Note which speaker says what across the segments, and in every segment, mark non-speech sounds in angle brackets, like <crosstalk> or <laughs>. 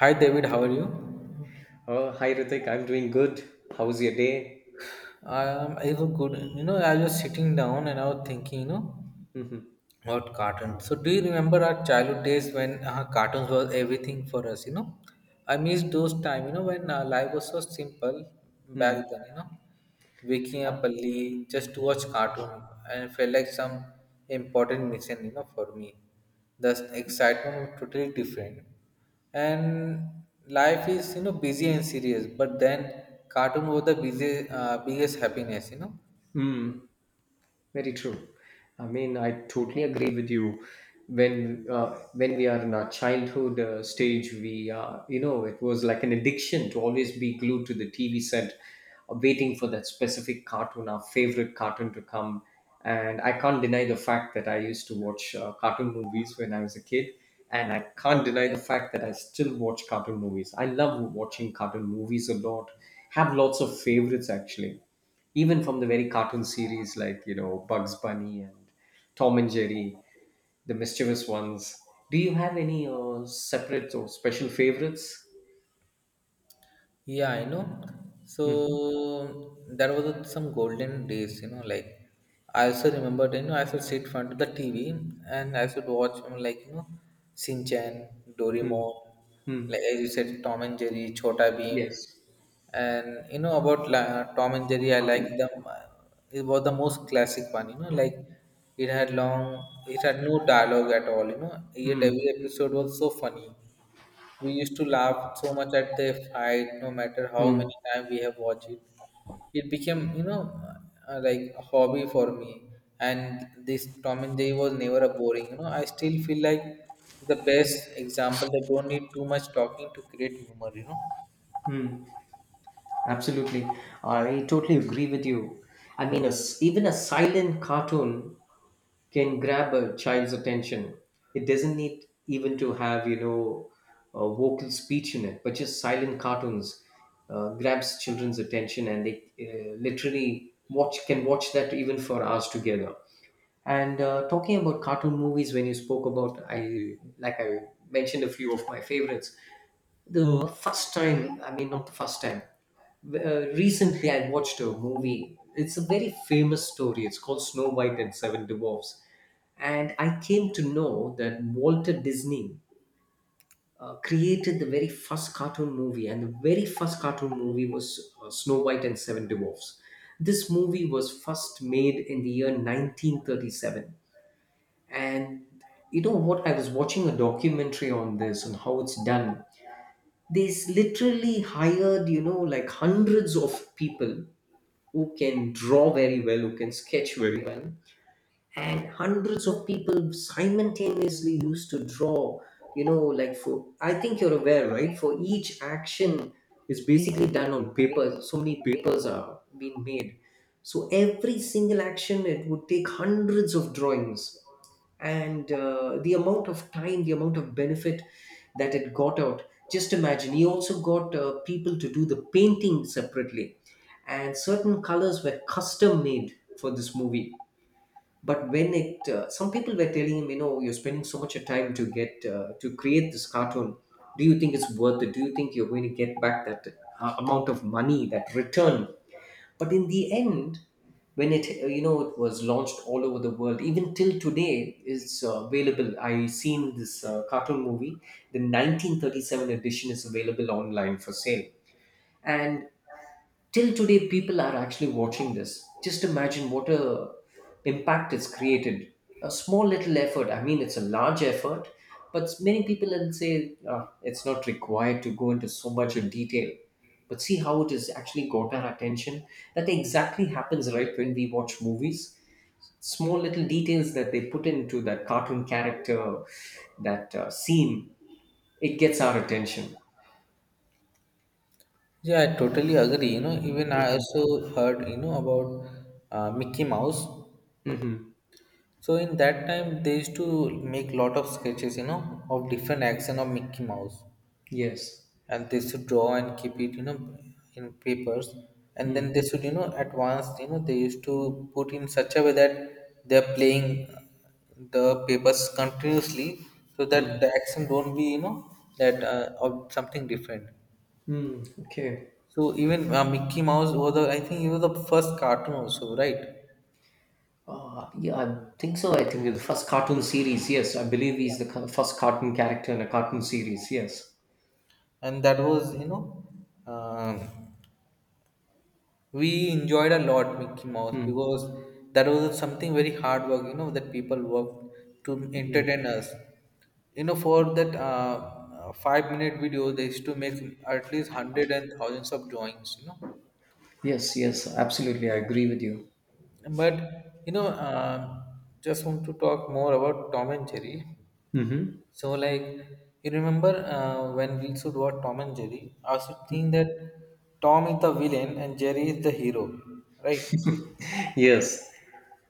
Speaker 1: Hi David, how are you?
Speaker 2: Oh, hi Ritik, I'm doing good. How's your day? <laughs>
Speaker 1: I was good. I was sitting down and I was thinking.
Speaker 2: Mm-hmm.
Speaker 1: What cartoons? So, do you remember our childhood days when cartoons were everything for us? I miss those time. When life was so simple back
Speaker 2: Mm.
Speaker 1: then. Waking up early just to watch cartoon, and it felt like some important mission. For me, the excitement was totally different. And life is busy and serious, but then cartoon was the biggest happiness.
Speaker 2: Mm. Very true. I mean, I totally agree with you. When we are in our childhood stage, we you know it was like an addiction to always be glued to the TV set, waiting for that specific cartoon, our favorite cartoon to come. And I can't deny the fact that I used to watch cartoon movies when I was a kid, and I can't deny the fact that I still watch cartoon movies. I love watching cartoon movies a lot. Have lots of favorites actually. Even from the very cartoon series like, you know, Bugs Bunny and Tom and Jerry, the mischievous ones. Do you have any separate or special favorites?
Speaker 1: Yeah, I know.
Speaker 2: Mhm.
Speaker 1: So there was some golden days. I also remember, I should sit front of the TV and I should watch, Shinchan,
Speaker 2: Mm.
Speaker 1: Doraemon,
Speaker 2: Mm.
Speaker 1: like as you said, Tom and Jerry, Chota Bheem.
Speaker 2: Yes.
Speaker 1: And about Tom and Jerry, I like them. It was the most classic one. It had no dialogue at all, yet every
Speaker 2: Mm.
Speaker 1: episode was so funny. We used to laugh so much at the fight, no matter how
Speaker 2: Mm.
Speaker 1: many times we have watched it. It became, like a hobby for me. And this Tom and Jerry was never a boring. I still feel like the best example. They don't need too much talking to create humor.
Speaker 2: Mm. Absolutely. I totally agree with you. I mean, a s even a silent cartoon can grab a child's attention. It doesn't need even to have you know a vocal speech in it, but just silent cartoons grabs children's attention, and they literally watch can watch that even for hours together. And talking about cartoon movies, when you spoke about, I mentioned a few of my favorites. I mean, not the first time. Recently, I watched a movie. It's a very famous story. It's called Snow White and Seven Dwarfs. And I came to know that Walter Disney created the very first cartoon movie, and the very first cartoon movie was Snow White and Seven Dwarfs. This movie was first made in the year 1937. And you know what? I was watching a documentary on this and how it's done. Literally hired, you know, like hundreds of people who can draw very well, who can sketch very well. And hundreds of people simultaneously used to draw, you know, like for, I think you're aware, right? For each action is basically done on paper. So many papers are being made. So every single action, it would take hundreds of drawings and the amount of time, the amount of benefit that it got out. Just imagine, he also got people to do the painting separately, and certain colors were custom made for this movie. But some people were telling him, you know, you're spending so much of time to create this cartoon. Do you think it's worth it? Do you think you're going to get back that amount of money, that return but in the end when it you know it was launched all over the world, even till today it's available. I seen this cartoon movie, the 1937 edition is available online for sale, and till today people are actually watching this. Just imagine what a impact it's created, a small little effort, I mean it's a large effort, but many people will say "Ah, it's not required to go into so much of detail, but see how it has actually got our attention. That exactly happens, right, when we watch movies, small little details that they put into that cartoon character, that scene, it gets our attention.
Speaker 1: Yeah, I totally agree. Even I
Speaker 2: Mm-hmm.
Speaker 1: also heard, about Mickey Mouse.
Speaker 2: Mm-hmm.
Speaker 1: So in that time, they used to make lot of sketches, of different action of Mickey Mouse.
Speaker 2: Yes.
Speaker 1: And they should draw and keep it, in papers, and
Speaker 2: Hmm. Hmm.
Speaker 1: then they should advance. They used to put in such a way that they're playing the papers continuously, so
Speaker 2: Yes.
Speaker 1: that
Speaker 2: Mm.
Speaker 1: the action don't be, that, of something different.
Speaker 2: Hmm. Okay.
Speaker 1: So even Mickey Mouse was I think he was the first cartoon also, right?
Speaker 2: Yeah, I think so. I think the first cartoon series. Yes, I believe he's the first cartoon character in a cartoon series. Yes.
Speaker 1: And that was, um, we enjoyed a lot Mickey Mouse,
Speaker 2: Hmm.
Speaker 1: because that was something very hard work, that people worked to entertain us, for that 5-minute video they used to make at least hundred and thousands of drawings.
Speaker 2: Yes. Yes. Absolutely, I agree with you.
Speaker 1: But just want to talk more about Tom and Jerry.
Speaker 2: Mm-hmm.
Speaker 1: So, like, you remember when we used to watch Tom and Jerry, I used to think that Tom is the villain and Jerry is the hero, right?
Speaker 2: Yes.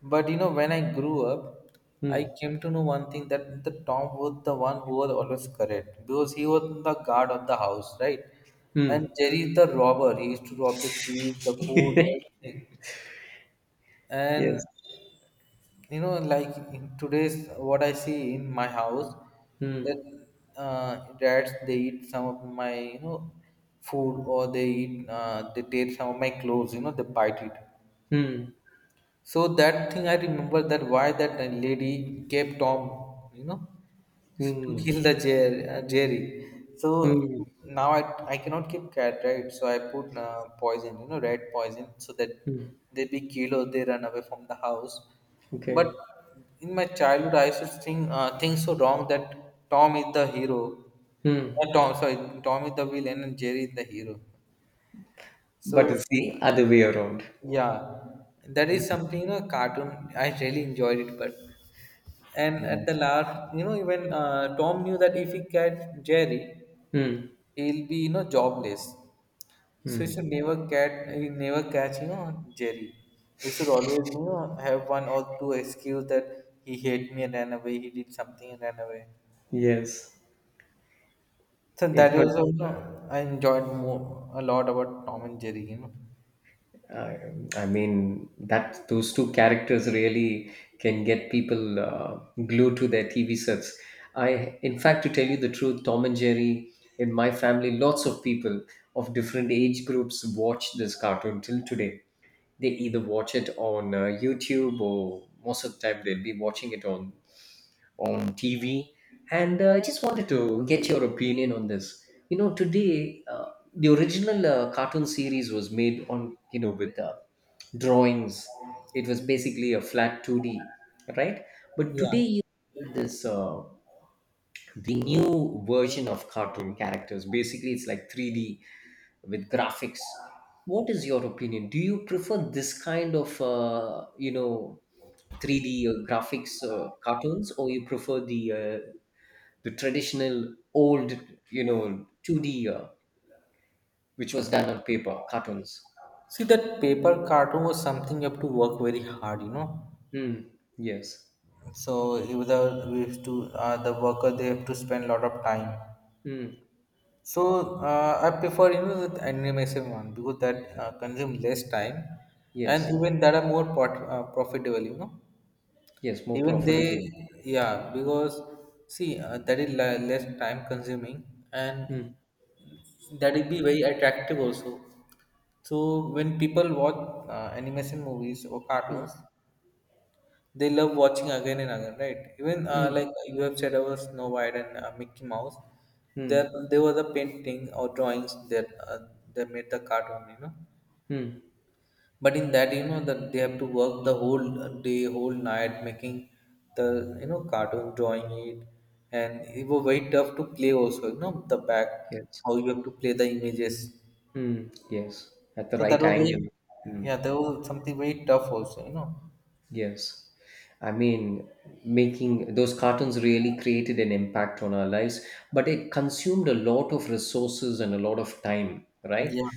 Speaker 1: But when I grew up, I
Speaker 2: Hmm.
Speaker 1: came to know one thing, that the Tom was the one who was always correct, because he was the guard of the house, right? And
Speaker 2: Hmm.
Speaker 1: Jerry is the robber. He used to rob the cheese, the food,
Speaker 2: <laughs>
Speaker 1: everything. And
Speaker 2: Yes.
Speaker 1: in today's what I see in my house,
Speaker 2: Hmm.
Speaker 1: that rats, they eat some of my, food, or they eat, they take some of my clothes. They bite it.
Speaker 2: Hmm.
Speaker 1: So that thing I remember, that why that lady kept Tom, to
Speaker 2: Hmm.
Speaker 1: kill the Jerry. Jerry. So
Speaker 2: Hmm.
Speaker 1: now I cannot keep cat, right? So I put poison, red poison, so that
Speaker 2: Hmm.
Speaker 1: they be killed or they run away from the house. But
Speaker 2: Okay.
Speaker 1: in my childhood, I used to think things so wrong, that Tom is the hero.
Speaker 2: Hmm.
Speaker 1: Tom, sorry, Tom is the villain and Jerry is the hero.
Speaker 2: But
Speaker 1: So
Speaker 2: it's the other way around.
Speaker 1: yeah, that is something. Cartoon, I really enjoyed it, but and
Speaker 2: Yeah.
Speaker 1: at the last, you know, even Tom knew that if he catch Jerry,
Speaker 2: Hmm.
Speaker 1: he'll be jobless.
Speaker 2: Hmm.
Speaker 1: He never catch, Jerry. He should always have one or two excuse, that he hate me and ran away. He did something and ran away.
Speaker 2: Yes.
Speaker 1: So
Speaker 2: If
Speaker 1: that
Speaker 2: not,
Speaker 1: was also I enjoyed more a lot about Tom and Jerry.
Speaker 2: I, I mean that those two characters really can get people glued to their TV sets. I, in fact, to tell you the truth, Tom and Jerry in my family, lots of people of different age groups watch this cartoon till today. They either watch it on YouTube or most of the time they'll be watching it on TV. And I just wanted to get your opinion on this. You know, today the original cartoon series was made on you know with drawings. It was basically a flat 2D, right? But today
Speaker 1: Yeah.
Speaker 2: you have this the new version of cartoon characters. Basically, it's like 3D with graphics. What is your opinion? Do you prefer this kind of you know 3D graphics cartoons, or you prefer the traditional old you know 2D which was done on paper cartoons?
Speaker 1: See, that paper cartoon was something you have to work very hard.
Speaker 2: Mm, yes.
Speaker 1: So it was we have to, the worker they have to spend a lot of time.
Speaker 2: Mm,
Speaker 1: So I prefer, the animation one, because that consume less time, and
Speaker 2: yes.
Speaker 1: even that are more profitable.
Speaker 2: Yes, more
Speaker 1: Even
Speaker 2: profitable.
Speaker 1: they Yeah, because see, that is less time consuming, and
Speaker 2: Mm.
Speaker 1: that will be very attractive also. So when people watch animation movies or cartoons,
Speaker 2: Mm.
Speaker 1: they love watching again and again, right? Even,
Speaker 2: Mm.
Speaker 1: you have said about Snow White and Mickey Mouse. there
Speaker 2: Mm.
Speaker 1: there was a painting or drawings that they made the cartoon.
Speaker 2: Mm.
Speaker 1: But in that, that they have to work the whole day, whole night, making the, cartoon, drawing it, and it was very tough to play also, the back,
Speaker 2: Yes.
Speaker 1: how you have to play the images.
Speaker 2: Mm, yes. At the
Speaker 1: So that
Speaker 2: right
Speaker 1: was
Speaker 2: angle.
Speaker 1: very,
Speaker 2: Mm.
Speaker 1: yeah, that was something very tough also.
Speaker 2: Yes. I mean, making those cartoons really created an impact on our lives, but it consumed a lot of resources and a lot of time, right?
Speaker 1: Yeah.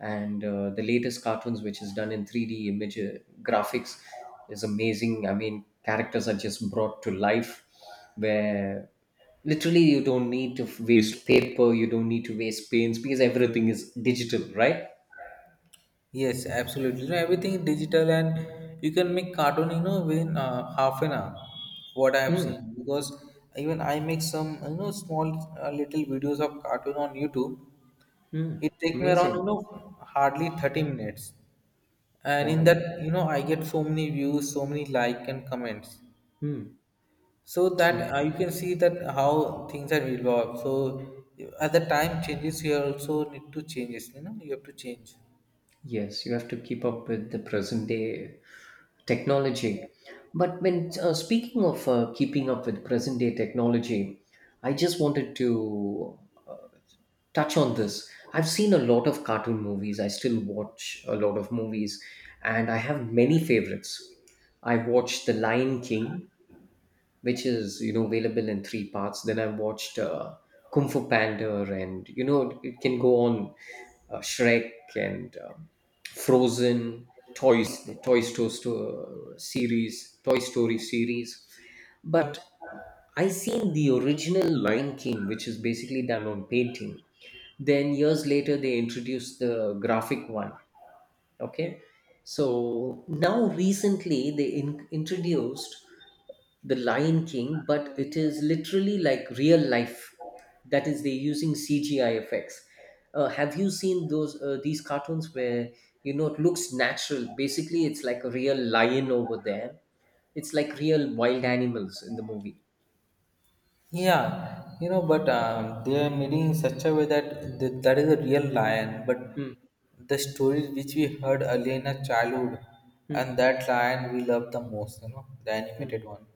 Speaker 2: And the latest cartoons, which is done in 3D image graphics, is amazing. I mean, characters are just brought to life where literally you don't need to waste paper, you don't need to waste paints because everything is digital, right?
Speaker 1: Yes, absolutely. Everything digital, and you can make cartoon, within half an hour. What I have
Speaker 2: Hmm.
Speaker 1: seen, because even I make some, small, little videos of cartoon on YouTube.
Speaker 2: Hmm.
Speaker 1: It take me around,
Speaker 2: Amazing.
Speaker 1: hardly 30 minutes. And in
Speaker 2: Wow.
Speaker 1: that, I get so many views, so many like and comments.
Speaker 2: Hmm.
Speaker 1: So that, you can see that how things are evolved. So as the time changes, you also need to change it, you have to change.
Speaker 2: Yes, you have to keep up with the present day technology. But when speaking of keeping up with present day technology, I just wanted to uh, touch on this. I've seen a lot of cartoon movies. I still watch a lot of movies, and I have many favorites. I watched The Lion King, which is you know available in three parts. Then I watched Kung Fu Panda, and you know it, it can go on, Shrek and Frozen, Toys, the Toy Story Toy Story series. But I seen the original Lion King, which is basically done on painting. Then years later, they introduced the graphic one. Okay, so now recently they introduced the Lion King, but it is literally like real life. That is, they're using CGI effects. Have you seen those these cartoons where you know it looks natural? Basically, it's like a real lion over there. It's like real wild animals in the movie.
Speaker 1: Yeah, but they are made in such a way that that is a real lion. But
Speaker 2: Mm.
Speaker 1: the stories which we heard earlier in our childhood,
Speaker 2: Mm.
Speaker 1: and that lion we love the most, the
Speaker 2: Mm.
Speaker 1: animated one,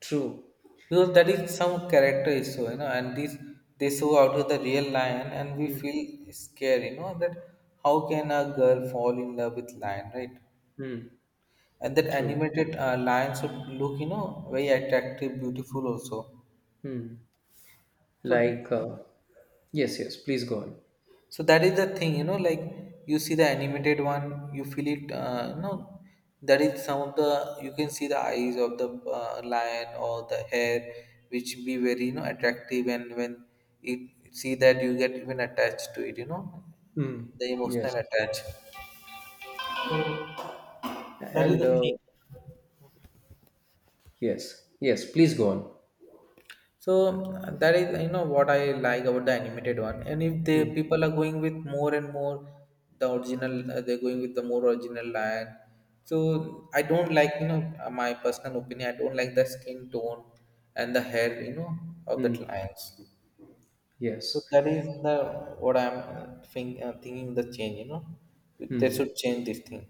Speaker 2: True.
Speaker 1: because that is some character is so, and this they show out of the real lion, and we
Speaker 2: Mm.
Speaker 1: feel scared, that how can a girl fall in love with lion, right?
Speaker 2: Mm.
Speaker 1: And that
Speaker 2: True.
Speaker 1: animated, lion should look, very attractive, beautiful also.
Speaker 2: Mm.
Speaker 1: So
Speaker 2: Like, yes, yes, please go on.
Speaker 1: so that is the thing, you see the animated one, you feel it, that is some of the, you can see the eyes of the, lion or the hair, which be very, attractive. And when you see that, you get even attached to it,
Speaker 2: Mm,
Speaker 1: the
Speaker 2: yes.
Speaker 1: emotional attach.
Speaker 2: And yes, yes, please go on.
Speaker 1: So that is what I like about the animated one. And if the
Speaker 2: Mm.
Speaker 1: people are going with more and more the original, they're going with the more original line. So I don't like, my personal opinion. I don't like the skin tone and the hair, of the
Speaker 2: Mm.
Speaker 1: lions. So
Speaker 2: Yes.
Speaker 1: that is the, what I'm thinking, the change. They
Speaker 2: Hmm.
Speaker 1: should change this thing.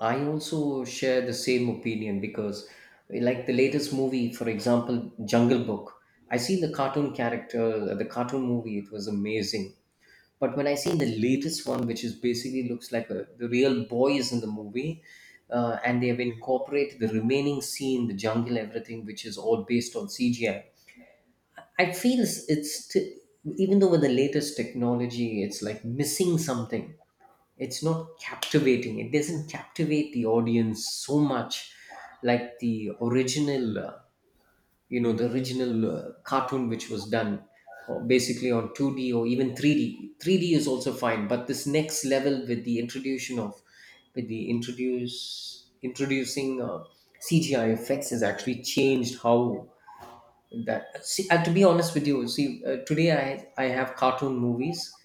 Speaker 2: I also share the same opinion because, like the latest movie, for example, Jungle Book, I seen the cartoon character, the cartoon movie, it was amazing. But when I seen the latest one, which is basically looks like a, the real boy is in the movie, and they have incorporated the remaining scene, the jungle, everything, which is all based on CGI. I feel even though with the latest technology, it's like missing something. It's not captivating, it doesn't captivate the audience so much like the original you know the original cartoon which was done or basically on 2D or even 3d is also fine. But this next level with the introduction of with the introduce introducing CGI effects has actually changed how that see to be honest with you, see today I have cartoon movies.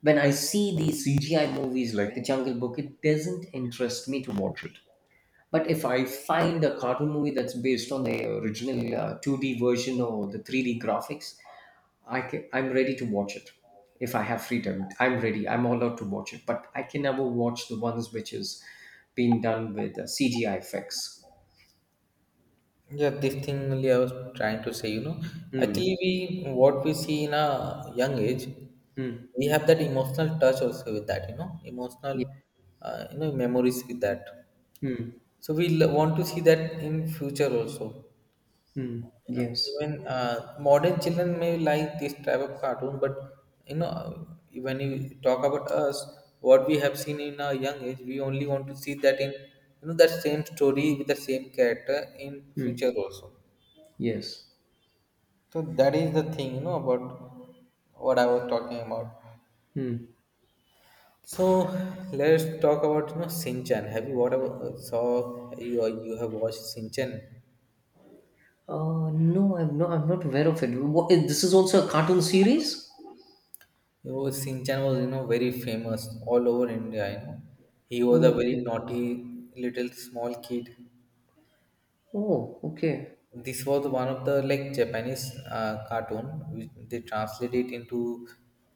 Speaker 2: When I see these CGI movies like The Jungle Book, it doesn't interest me to watch it. But if I find a cartoon movie that's based on the original 2D version or the 3D graphics, I'm ready to watch it. If I have free time, I'm ready. I'm allowed to watch it. But I can never watch the ones which is being done with CGI effects.
Speaker 1: Yeah, this thing only I was trying to say,
Speaker 2: Mm.
Speaker 1: actually, we what we see in a young age,
Speaker 2: Mm.
Speaker 1: we have that emotional touch also with that, emotional,
Speaker 2: Yeah.
Speaker 1: memories with that.
Speaker 2: Mm.
Speaker 1: So we want to see that in future also.
Speaker 2: Mm.
Speaker 1: Uh,
Speaker 2: Yes.
Speaker 1: Even modern children may like this type of cartoon, but you know, when you talk about us, what we have seen in our young age, we only want to see that in, that same story with the same character in future
Speaker 2: Mm.
Speaker 1: also.
Speaker 2: Yes.
Speaker 1: So that is the thing, about what I was talking about.
Speaker 2: Hmm.
Speaker 1: So let's talk about, Shinchan. Have you whatever saw you or you have watched Shinchan?
Speaker 2: No, I'm not. I'm not aware of it. What, eh, this is also a cartoon series.
Speaker 1: Shinchan was, very famous all over India. He was a
Speaker 2: Oh,
Speaker 1: very
Speaker 2: okay.
Speaker 1: naughty little small kid.
Speaker 2: Oh, okay.
Speaker 1: This was one of the like Japanese cartoon which they translated into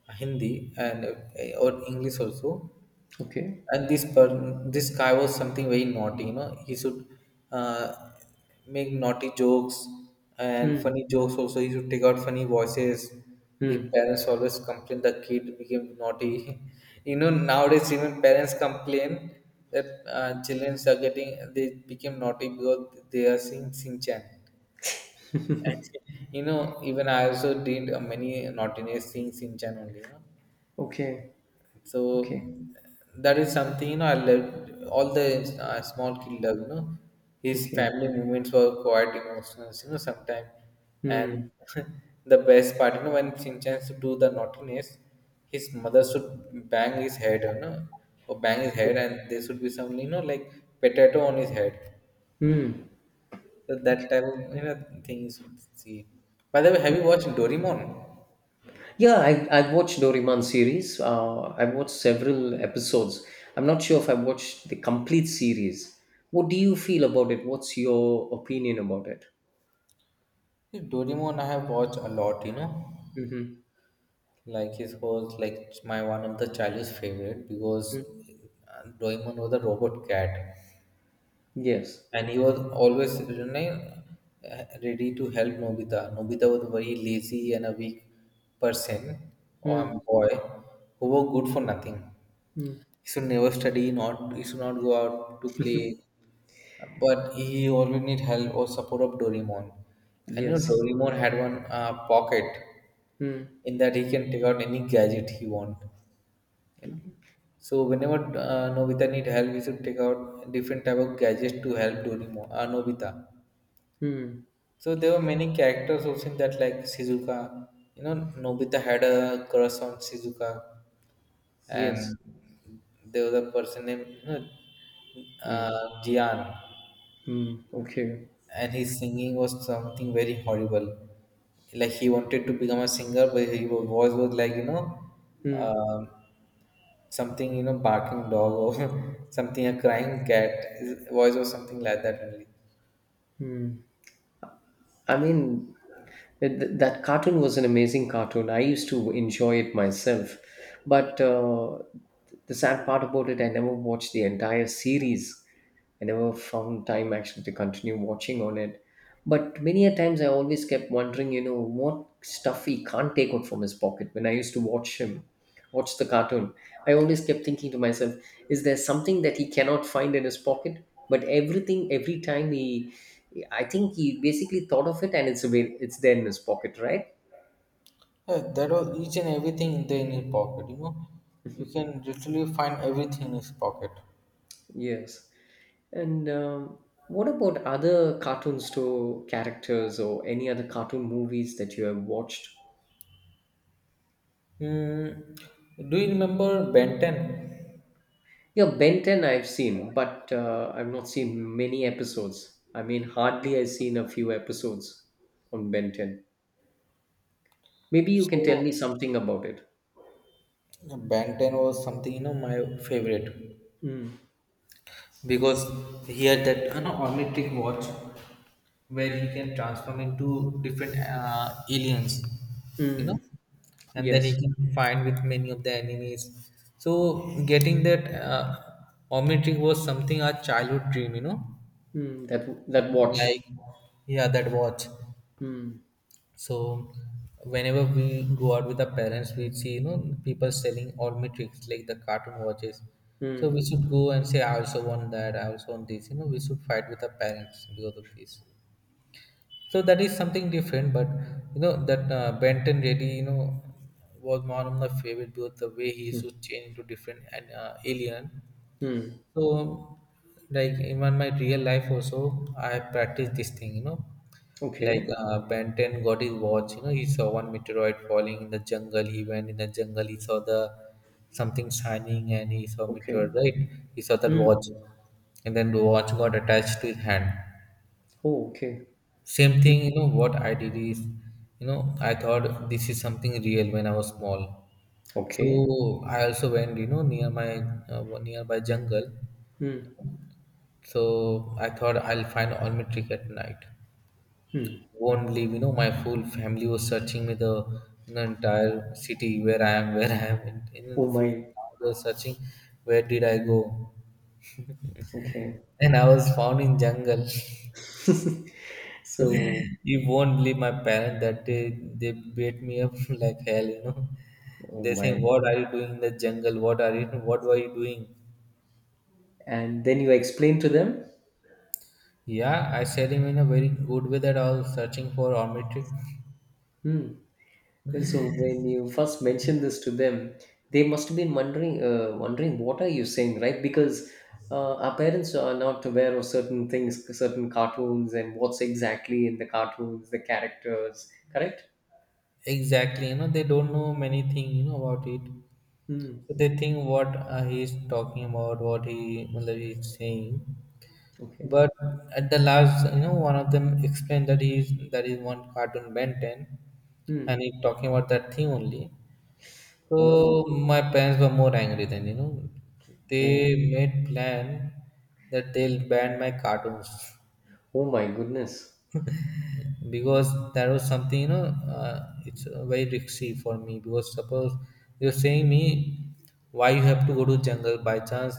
Speaker 1: Hindi and or English also.
Speaker 2: Okay.
Speaker 1: And this guy was something very naughty, he should uh, make naughty jokes and
Speaker 2: Hmm.
Speaker 1: funny jokes also. He should take out funny voices. His
Speaker 2: Hmm.
Speaker 1: parents always complain the kid became naughty. <laughs> Nowadays even parents complain that children are getting, they became naughty because they are seeing Sinchan. Actually, <laughs> even I also did many naughtiness things in Chan only.
Speaker 2: Okay.
Speaker 1: So
Speaker 2: Okay.
Speaker 1: that is something. I loved all the small kid love. His
Speaker 2: Okay.
Speaker 1: family moments were quite emotional. Sometimes, and
Speaker 2: Hmm.
Speaker 1: <laughs> the best part, when Shinchan used to do the naughtiness, his mother should bang his head, or bang his head, and there should be some, potato on his head.
Speaker 2: Hmm.
Speaker 1: So that type of, thing you should see. By the way, have you watched Doraemon?
Speaker 2: Yeah, I've watched Doraemon series. I've watched several episodes. I'm not sure if I've watched the complete series. What do you feel about it? What's your opinion about it?
Speaker 1: Doraemon, I have watched a lot. You know,
Speaker 2: Mm-hmm.
Speaker 1: like his was like my one of the childhood favorite because Doraemon was a robot cat,
Speaker 2: Yes.
Speaker 1: and he was always ready to help Nobita. Nobita was a very lazy and a weak person or
Speaker 2: Mm,
Speaker 1: boy who was good for nothing.
Speaker 2: mm,
Speaker 1: He should never study, not he should not go out to play, but he always need help or support of Doraemon. And you know
Speaker 2: yes.
Speaker 1: Doraemon had one pocket
Speaker 2: Mm,
Speaker 1: in that he can take out any gadget he want. you know so whenever nobita need help he should take out different type of gadgets to help Dorimo, nobita.
Speaker 2: mm,
Speaker 1: So there were many characters also in that like shizuka you know. Nobita had a crush on shizuka,
Speaker 2: yes.
Speaker 1: and there was a person named Jian,
Speaker 2: Mm, okay.
Speaker 1: and his singing was something very horrible. Like he wanted to become a singer, but his voice was like
Speaker 2: Mm.
Speaker 1: um something barking dog or <laughs> something a crying cat voice or something like that only.
Speaker 2: I mean, that cartoon was an amazing cartoon. I used to enjoy it myself. But the sad part about it, I never watched the entire series. I never found time actually to continue watching on it. But many a times I always kept wondering, you know, what stuff he can't take out from his pocket. When I used to watch him, watch the cartoon, I always kept thinking to myself, is there something that he cannot find in his pocket? But everything, every time he, yeah, I think he basically thought of it and it's there in his pocket, right?
Speaker 1: Yeah, that was each and everything in there in his pocket. You can literally find everything in his pocket.
Speaker 2: Yes. And what about other cartoon store characters or any other cartoon movies that you have watched?
Speaker 1: Hmm. Do you remember ben 10?
Speaker 2: Yeah, Ben 10 I've seen, but I've not seen many episodes. I mean, hardly I've seen a few episodes on Ben 10. Maybe you can tell
Speaker 1: So
Speaker 2: me something about it.
Speaker 1: yeah, ben 10 was something my favorite,
Speaker 2: Mm.
Speaker 1: because he had that omnitric watch where he can transform into different aliens you know
Speaker 2: Mm.
Speaker 1: and then he
Speaker 2: Yes.
Speaker 1: can fight with many of the enemies. So getting that omnitric was something our childhood dream.
Speaker 2: Mm. That that watch.
Speaker 1: Like, yeah that watch.
Speaker 2: Mm.
Speaker 1: So whenever we go out with our parents, we see people selling all metrics like the cartoon watches. So we
Speaker 2: Mm.
Speaker 1: should go and say, I also want that, I also want this. You know, we should fight with our parents because of this. So that is something different, but that Benton really was one of my favorite because the way he used to
Speaker 2: Mm.
Speaker 1: change into different and alien.
Speaker 2: Mm.
Speaker 1: So, like even my real life also, I practice this thing, you know. Like
Speaker 2: Okay.
Speaker 1: Ben 10 got his watch, you know, he saw one meteorite falling in the jungle. He went in the jungle, he saw the something shining and he saw
Speaker 2: Okay.
Speaker 1: meteor, right? He saw that
Speaker 2: Mm.
Speaker 1: watch. And then the watch got attached to his hand.
Speaker 2: Oh, okay.
Speaker 1: Same thing, you know, what I did is, you know, I thought this is something real when I was small.
Speaker 2: Okay.
Speaker 1: So I also went, you know, near my nearby jungle.
Speaker 2: Mm,
Speaker 1: So I thought I'll find only trick at night.
Speaker 2: mm.
Speaker 1: Won't believe, you know, my full family was searching me the entire city where I am, <laughs> where I am, and in the
Speaker 2: Oh
Speaker 1: full
Speaker 2: my.
Speaker 1: town they were searching where did I go,
Speaker 2: Okay.
Speaker 1: and I was found in jungle.
Speaker 2: So,
Speaker 1: <laughs> You won't believe, my parents that day they beat me up <laughs> like hell. You know,
Speaker 2: oh
Speaker 1: they saying,
Speaker 2: my.
Speaker 1: "What are you doing in the jungle? What are you? What were you doing?"
Speaker 2: And then you explain to them?
Speaker 1: Yeah, I said him in a very good way that I was searching for omnitric.
Speaker 2: Hmm. So when you first mentioned this to them, they must have been wondering, wondering what are you saying, right? Because our parents are not aware of certain things, certain cartoons, and what's exactly in the cartoons, the characters, correct?
Speaker 1: Exactly, you know, they don't know many things, you know, about it.
Speaker 2: Hmm.
Speaker 1: So they think what he is talking about, what he, मतलब he is saying.
Speaker 2: Okay.
Speaker 1: But at the last, you know, one of them explained that he is that is one cartoon Ben 10, and
Speaker 2: Hmm.
Speaker 1: he's talking about that thing only. So
Speaker 2: Oh,
Speaker 1: my parents were more angry than you know. They
Speaker 2: oh,
Speaker 1: made plan that they'll ban my cartoons.
Speaker 2: oh my goodness.
Speaker 1: Because that was something it's very risky for me, because suppose you're saying me why you have to go to jungle, by chance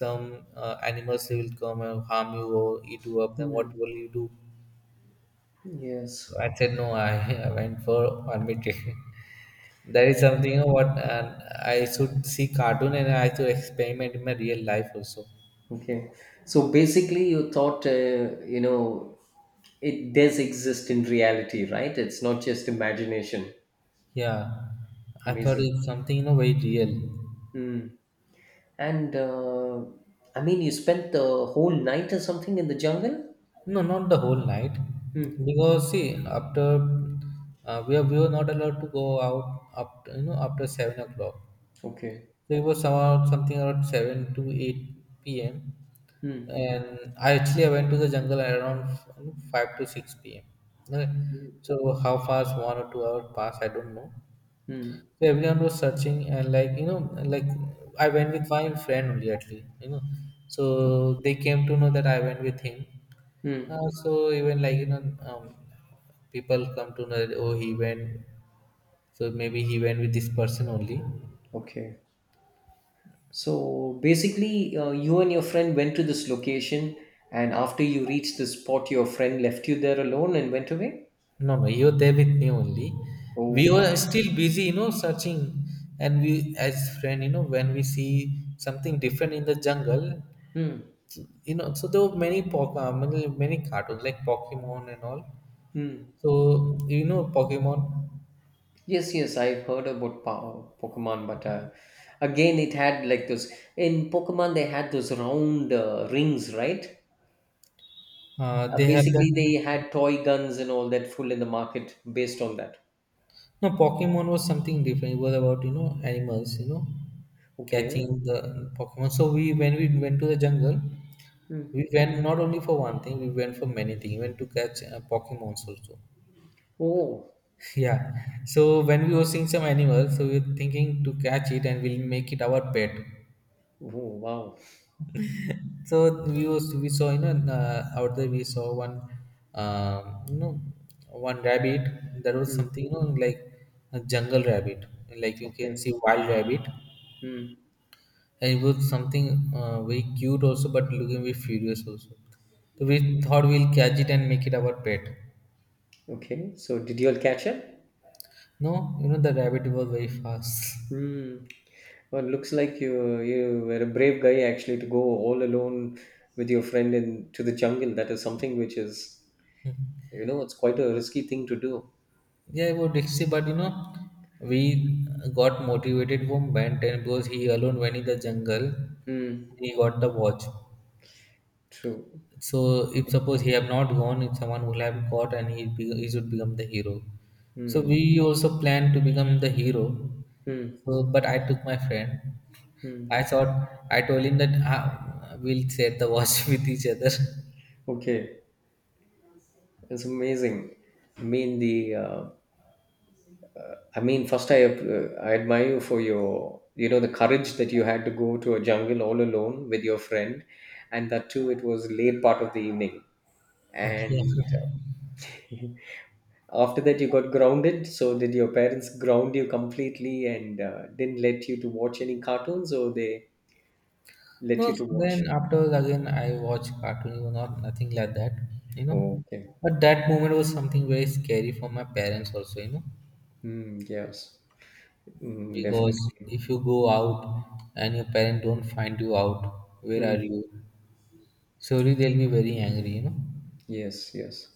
Speaker 1: some animals will come and harm you or eat you up, then what
Speaker 2: Hmm.
Speaker 1: will you do? So
Speaker 2: Yes.
Speaker 1: I said no I, <laughs> I went for army training. <laughs> That is something what I should see cartoon and I should experiment in my real life also.
Speaker 2: Okay. So basically, you thought, you know, it does exist in reality, right? It's not just imagination.
Speaker 1: Yeah I thought
Speaker 2: Amazing.
Speaker 1: it's something very real.
Speaker 2: Mm. And I mean, you spent the whole night or something in the jungle?
Speaker 1: No, not the whole night.
Speaker 2: Hmm.
Speaker 1: Because see, after we were not allowed to go out up after 7 o'clock.
Speaker 2: Okay.
Speaker 1: So it was somehow something around 7 to 8 p.m.
Speaker 2: Hmm.
Speaker 1: And I actually I went to the jungle at around 5 to 6 p.m. Okay. So how fast 1 or 2 hours passed, I don't know.
Speaker 2: Hmm.
Speaker 1: So everyone was searching, and like like I went with my friend only at, you know so they came to know that I went with him.
Speaker 2: Hmm.
Speaker 1: So even like people come to know that, oh he went, so maybe he went with this person only.
Speaker 2: Okay. So basically, you and your friend went to this location, and after you reached the spot, your friend left you there alone and went away?
Speaker 1: No, no, you were there with me only. We
Speaker 2: Oh.
Speaker 1: were still busy searching, and we as friend when we see something different in the jungle
Speaker 2: Hmm.
Speaker 1: so there were many many, many cartoons like pokemon and all.
Speaker 2: Hmm.
Speaker 1: So you know Pokemon,
Speaker 2: Yes, yes, I've heard about Pokemon, but again, it had like those in Pokemon, they had those round rings, right?
Speaker 1: they have
Speaker 2: Basically, they
Speaker 1: that.
Speaker 2: had toy guns and all that full in the market based on that.
Speaker 1: No, Pokemon was something different. It was about animals, you know,
Speaker 2: Okay.
Speaker 1: catching the Pokemon. So we when we went to the jungle,
Speaker 2: Hmm.
Speaker 1: we went not only for one thing, we went for many things. We went to catch Pokemons also. <laughs>
Speaker 2: Oh,
Speaker 1: Yeah. So when we were seeing some animals, so we were thinking to catch it and we'll make it our pet.
Speaker 2: oh, wow.
Speaker 1: So we saw out there we saw one um, you know one rabbit. There was
Speaker 2: Hmm.
Speaker 1: something like a jungle rabbit, like you can
Speaker 2: Okay.
Speaker 1: see wild rabbit,
Speaker 2: Hmm.
Speaker 1: and it was something very cute also, but looking very furious also. So we thought we'll catch it and make it our pet.
Speaker 2: Okay. So, did you all catch it?
Speaker 1: No, you know the rabbit was very fast. <laughs>
Speaker 2: Hmm. Well, looks like you were a brave guy actually to go all alone with your friend into the jungle. That is something which is. You know, it's quite a risky thing to do.
Speaker 1: Yeah, it was risky, but you know we got motivated from Ben 10 because he alone went in the jungle.
Speaker 2: Mm,
Speaker 1: And he got the watch.
Speaker 2: true.
Speaker 1: So if suppose he have not gone, if someone will have got and he be, he should become the hero. So
Speaker 2: Hmm.
Speaker 1: we also planned to become the hero.
Speaker 2: Hmm.
Speaker 1: So but I took my friend.
Speaker 2: Hmm.
Speaker 1: I thought I told him that we'll share the watch <laughs> with each other. <laughs>
Speaker 2: Okay, it's amazing. I mean the. I mean, first I admire you for your, you know, the courage that you had to go to a jungle all alone with your friend, and that too it was late part of the evening.
Speaker 1: Yeah.
Speaker 2: And <laughs> after that you got grounded. So did your parents ground you completely and didn't let you to watch any cartoons, or they let
Speaker 1: No,
Speaker 2: you to
Speaker 1: then
Speaker 2: watch?
Speaker 1: afterwards again I watch cartoon or not nothing like that, you know.
Speaker 2: Okay.
Speaker 1: But that moment was something very scary for my parents also, you know.
Speaker 2: Mm, yes, mm,
Speaker 1: Because
Speaker 2: definitely.
Speaker 1: if you go out and your parents don't find you out, where
Speaker 2: Mm,
Speaker 1: are you? Surely they'll be very angry, you know.
Speaker 2: yes, yes.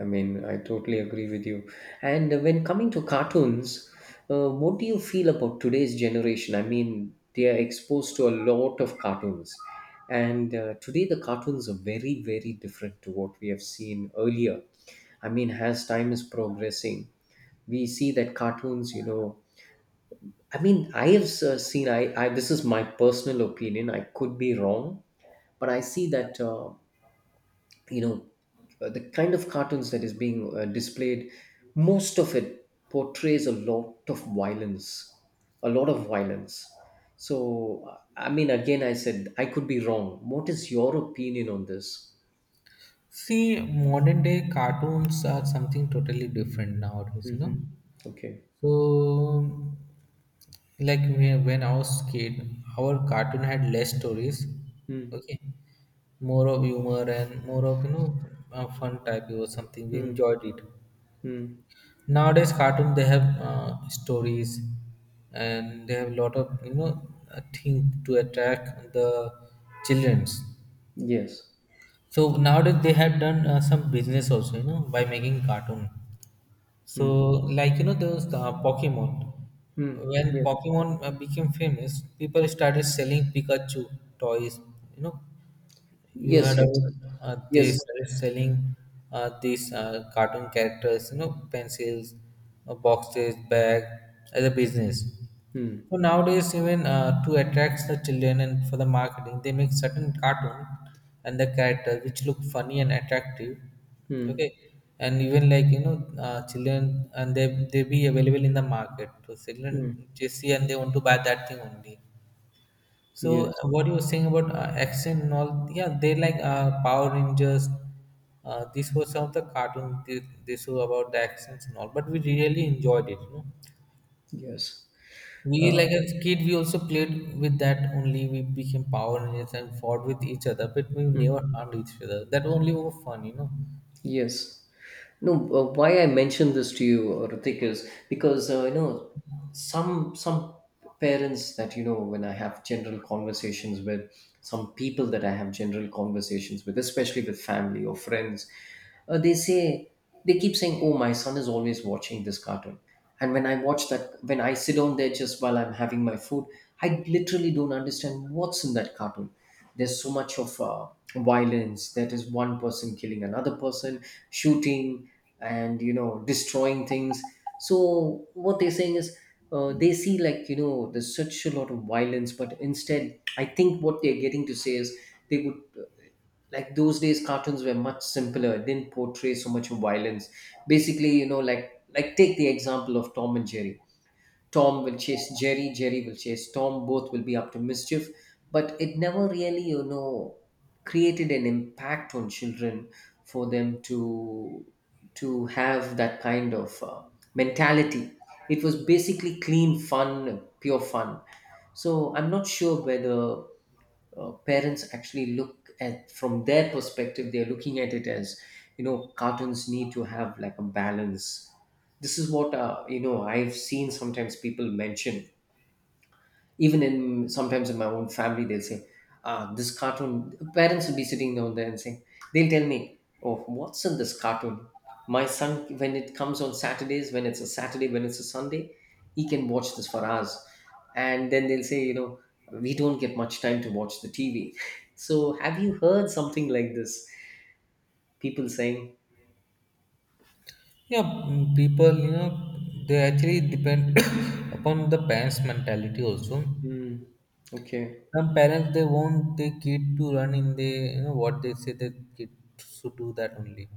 Speaker 2: I mean, I totally agree with you. And when coming to cartoons, what do you feel about today's generation? I mean, they are exposed to a lot of cartoons. And today, the cartoons are very, very different to what we have seen earlier. I mean, as time is progressing, we see that cartoons, you know, I mean, I have seen, this is my personal opinion, I could be wrong, but I see that. You know, the kind of cartoons that is being displayed, most of it portrays a lot of violence, a lot of violence. So I mean, again, I said I could be wrong. What is your opinion on this?
Speaker 1: See, modern day cartoons are something totally different nowadays, you know.
Speaker 2: Hmm. Okay.
Speaker 1: So, like when I was kid, our cartoon had less stories,
Speaker 2: Mm,
Speaker 1: okay, more of humor and more of fun type. It was something we
Speaker 2: mm,
Speaker 1: enjoyed it.
Speaker 2: mm.
Speaker 1: Nowadays cartoon they have stories, and they have a lot of thing to attract the childrens.
Speaker 2: Yes.
Speaker 1: So nowadays they have done some business also by making cartoon. So,
Speaker 2: Mm,
Speaker 1: like you know, there was the Pokemon.
Speaker 2: mm.
Speaker 1: When
Speaker 2: Yeah.
Speaker 1: Pokemon became famous, people started selling Pikachu toys. You know, you had
Speaker 2: Yes, yes,
Speaker 1: about they
Speaker 2: yes.
Speaker 1: started selling these cartoon characters. You know, pencils, boxes, bag as a business.
Speaker 2: Mm,
Speaker 1: So nowadays, even to attract the children and for the marketing, they make certain cartoon and the character which look funny and attractive.
Speaker 2: mm,
Speaker 1: Okay, and even like children and they be available in the market. So
Speaker 2: mm.
Speaker 1: children they see and they want to buy that thing only. So
Speaker 2: Yes,
Speaker 1: what you were saying about action and all? Yeah, they like Power Rangers. This was some of the cartoon they show about the actions and all, but we really enjoyed it. You know,
Speaker 2: yes.
Speaker 1: we
Speaker 2: uh,
Speaker 1: like as kid, we also played with that only. We became Power Rangers and fought with each other, but we
Speaker 2: hmm.
Speaker 1: never harmed each other. That only was fun, you know.
Speaker 2: Yes. No, why I mentioned this to you, Ritik, is because you know, some parents that, you know, when I have general conversations with some people that I have general conversations with, especially with family or friends, they say, they keep saying, "Oh, my son is always watching this cartoon," and when I watch that, when I sit down there just while I'm having my food, I literally don't understand what's in that cartoon. There's so much of violence, that is one person killing another person, shooting, and you know, destroying things. So what they're saying is, they see, like, you know, there's such a lot of violence, but instead I think what they're getting to say is, they would like those days cartoons were much simpler, it didn't portray so much of violence. Basically, you know, like, take the example of Tom and Jerry. Tom will chase Jerry, Jerry will chase Tom, both will be up to mischief, but it never really, you know, created an impact on children for them to have that kind of mentality. It was basically clean fun, pure fun. So I'm not sure whether parents actually look at, from their perspective they're looking at it as, you know, cartoons need to have like a balance. This is what, you know, I've seen sometimes people mention, even in sometimes in my own family, they'll say, ah, this cartoon, parents will be sitting down there and saying, they'll tell me, oh, what's in this cartoon, my son, when it comes on Saturdays, when it's a Saturday, when it's a Sunday, he can watch this for hours. And then they'll say, you know, we don't get much time to watch the TV. <laughs> So have you heard something like this, people saying?
Speaker 1: Yeah, mm, people, you know, they actually depend <coughs> upon the parents' mentality also.
Speaker 2: Mm, okay.
Speaker 1: Some parents they want their kid to run in the, you know, what they say their kid should do that only.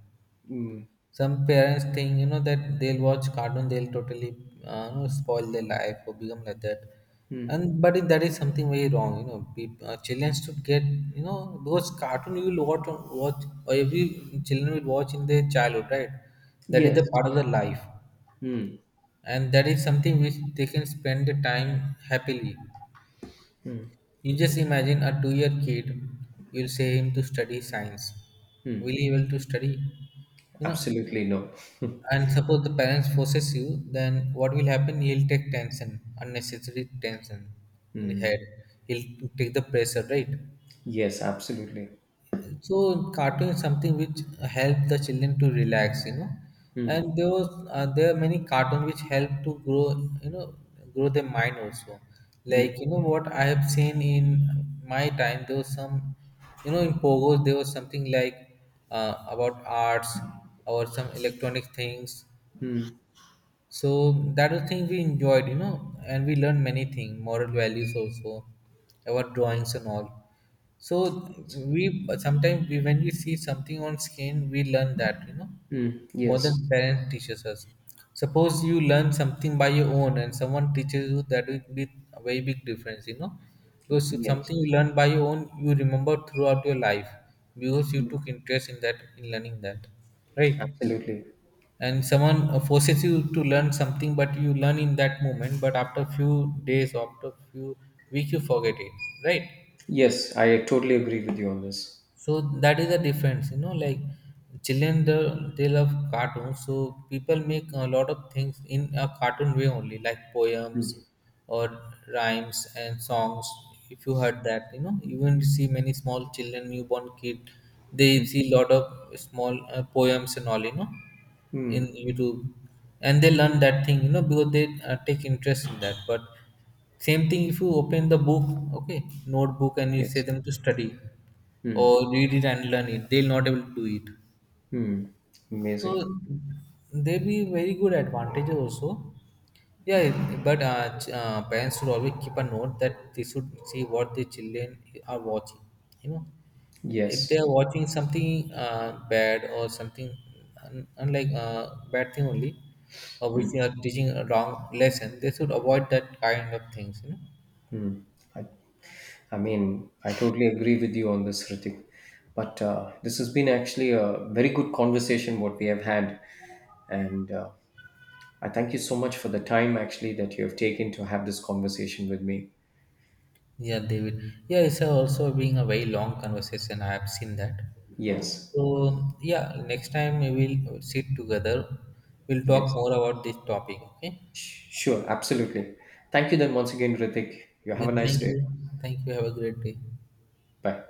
Speaker 2: Mm,
Speaker 1: Some parents think, you know, that they'll watch cartoon, they'll totally you know, spoil their life or become like that.
Speaker 2: mm,
Speaker 1: And but it, that is something very wrong, you know. People, children should get, you know, because cartoon you will watch, watch or every children will watch in their childhood, right? That is
Speaker 2: yes.
Speaker 1: the part of their life,
Speaker 2: Mm,
Speaker 1: and that is something which they can spend the time happily.
Speaker 2: mm,
Speaker 1: You just imagine a 2 year kid, you'll say him to study science. Will
Speaker 2: mm,
Speaker 1: he able to study? You know,
Speaker 2: absolutely no. <laughs>
Speaker 1: and suppose the parents forces you, then what will happen? He'll take tension, unnecessary tension in the
Speaker 2: Hmm.
Speaker 1: head. He'll take the pressure, right?
Speaker 2: Yes, absolutely.
Speaker 1: So cartoon is something which help the children to relax, you know,
Speaker 2: Hmm.
Speaker 1: and there are many cartoon which help to grow, you know, grow their mind also.
Speaker 2: Hmm.
Speaker 1: Like you know what I have seen in my time, there was some, you know, in pogos there was something like about arts or some electronic things.
Speaker 2: Hmm.
Speaker 1: So that was thing we enjoyed, you know, and we learned many things, moral values also, our drawings and all. So when we see something on screen, we learn that, you know,
Speaker 2: Hmm.
Speaker 1: more than
Speaker 2: Yes.
Speaker 1: parents teaches us. Suppose you learn something by your own and someone teaches you, that will be a very big difference, you know. Because it's
Speaker 2: Yes.
Speaker 1: something you learn by your own, you remember throughout your life because you
Speaker 2: Hmm.
Speaker 1: took interest in that, in learning that, right?
Speaker 2: Absolutely.
Speaker 1: And someone forces you to learn something, but you learn in that moment, but after few days after few week you forget it, right?
Speaker 2: Yes, I totally agree with you on this.
Speaker 1: So that is the difference, you know, like children they love cartoons, so people make a lot of things in a cartoon way only, like poems or rhymes and songs. If you heard that, you know, even you see many small children newborn kid they
Speaker 2: Hmm.
Speaker 1: see lot of small poems and all, you know, in
Speaker 2: Hmm.
Speaker 1: youtube, and they learn that thing, you know, because they take interest in that. But same thing if you open the book, okay notebook, and you say
Speaker 2: Yes.
Speaker 1: them to study
Speaker 2: Hmm.
Speaker 1: or read it and learn it, they'll not able to do it.
Speaker 2: Hmm.
Speaker 1: So
Speaker 2: Amazing.
Speaker 1: there be very good advantages also. Yeah, but parents should always keep a note that they should see what the children are watching, you know, if
Speaker 2: Yes.
Speaker 1: they are watching something bad or something unlike bad thing only or which are teaching a wrong lesson, they should avoid that kind of things, you know.
Speaker 2: I, I mean, I totally agree with you on this, Ritik. But this has been actually a very good conversation what we have had, and I thank you so much for the time actually that you have taken to have this conversation with me.
Speaker 1: Yeah, David. Yeah, it's also being a very long conversation. I have seen that.
Speaker 2: Yes.
Speaker 1: So yeah, next time we will sit together. We'll talk
Speaker 2: Yes.
Speaker 1: more about this topic. Okay.
Speaker 2: Sure, absolutely. Thank you then once again, Ritik. You
Speaker 1: Yeah.
Speaker 2: have a nice
Speaker 1: Thank
Speaker 2: day.
Speaker 1: you. Thank you. Have a great day.
Speaker 2: Bye.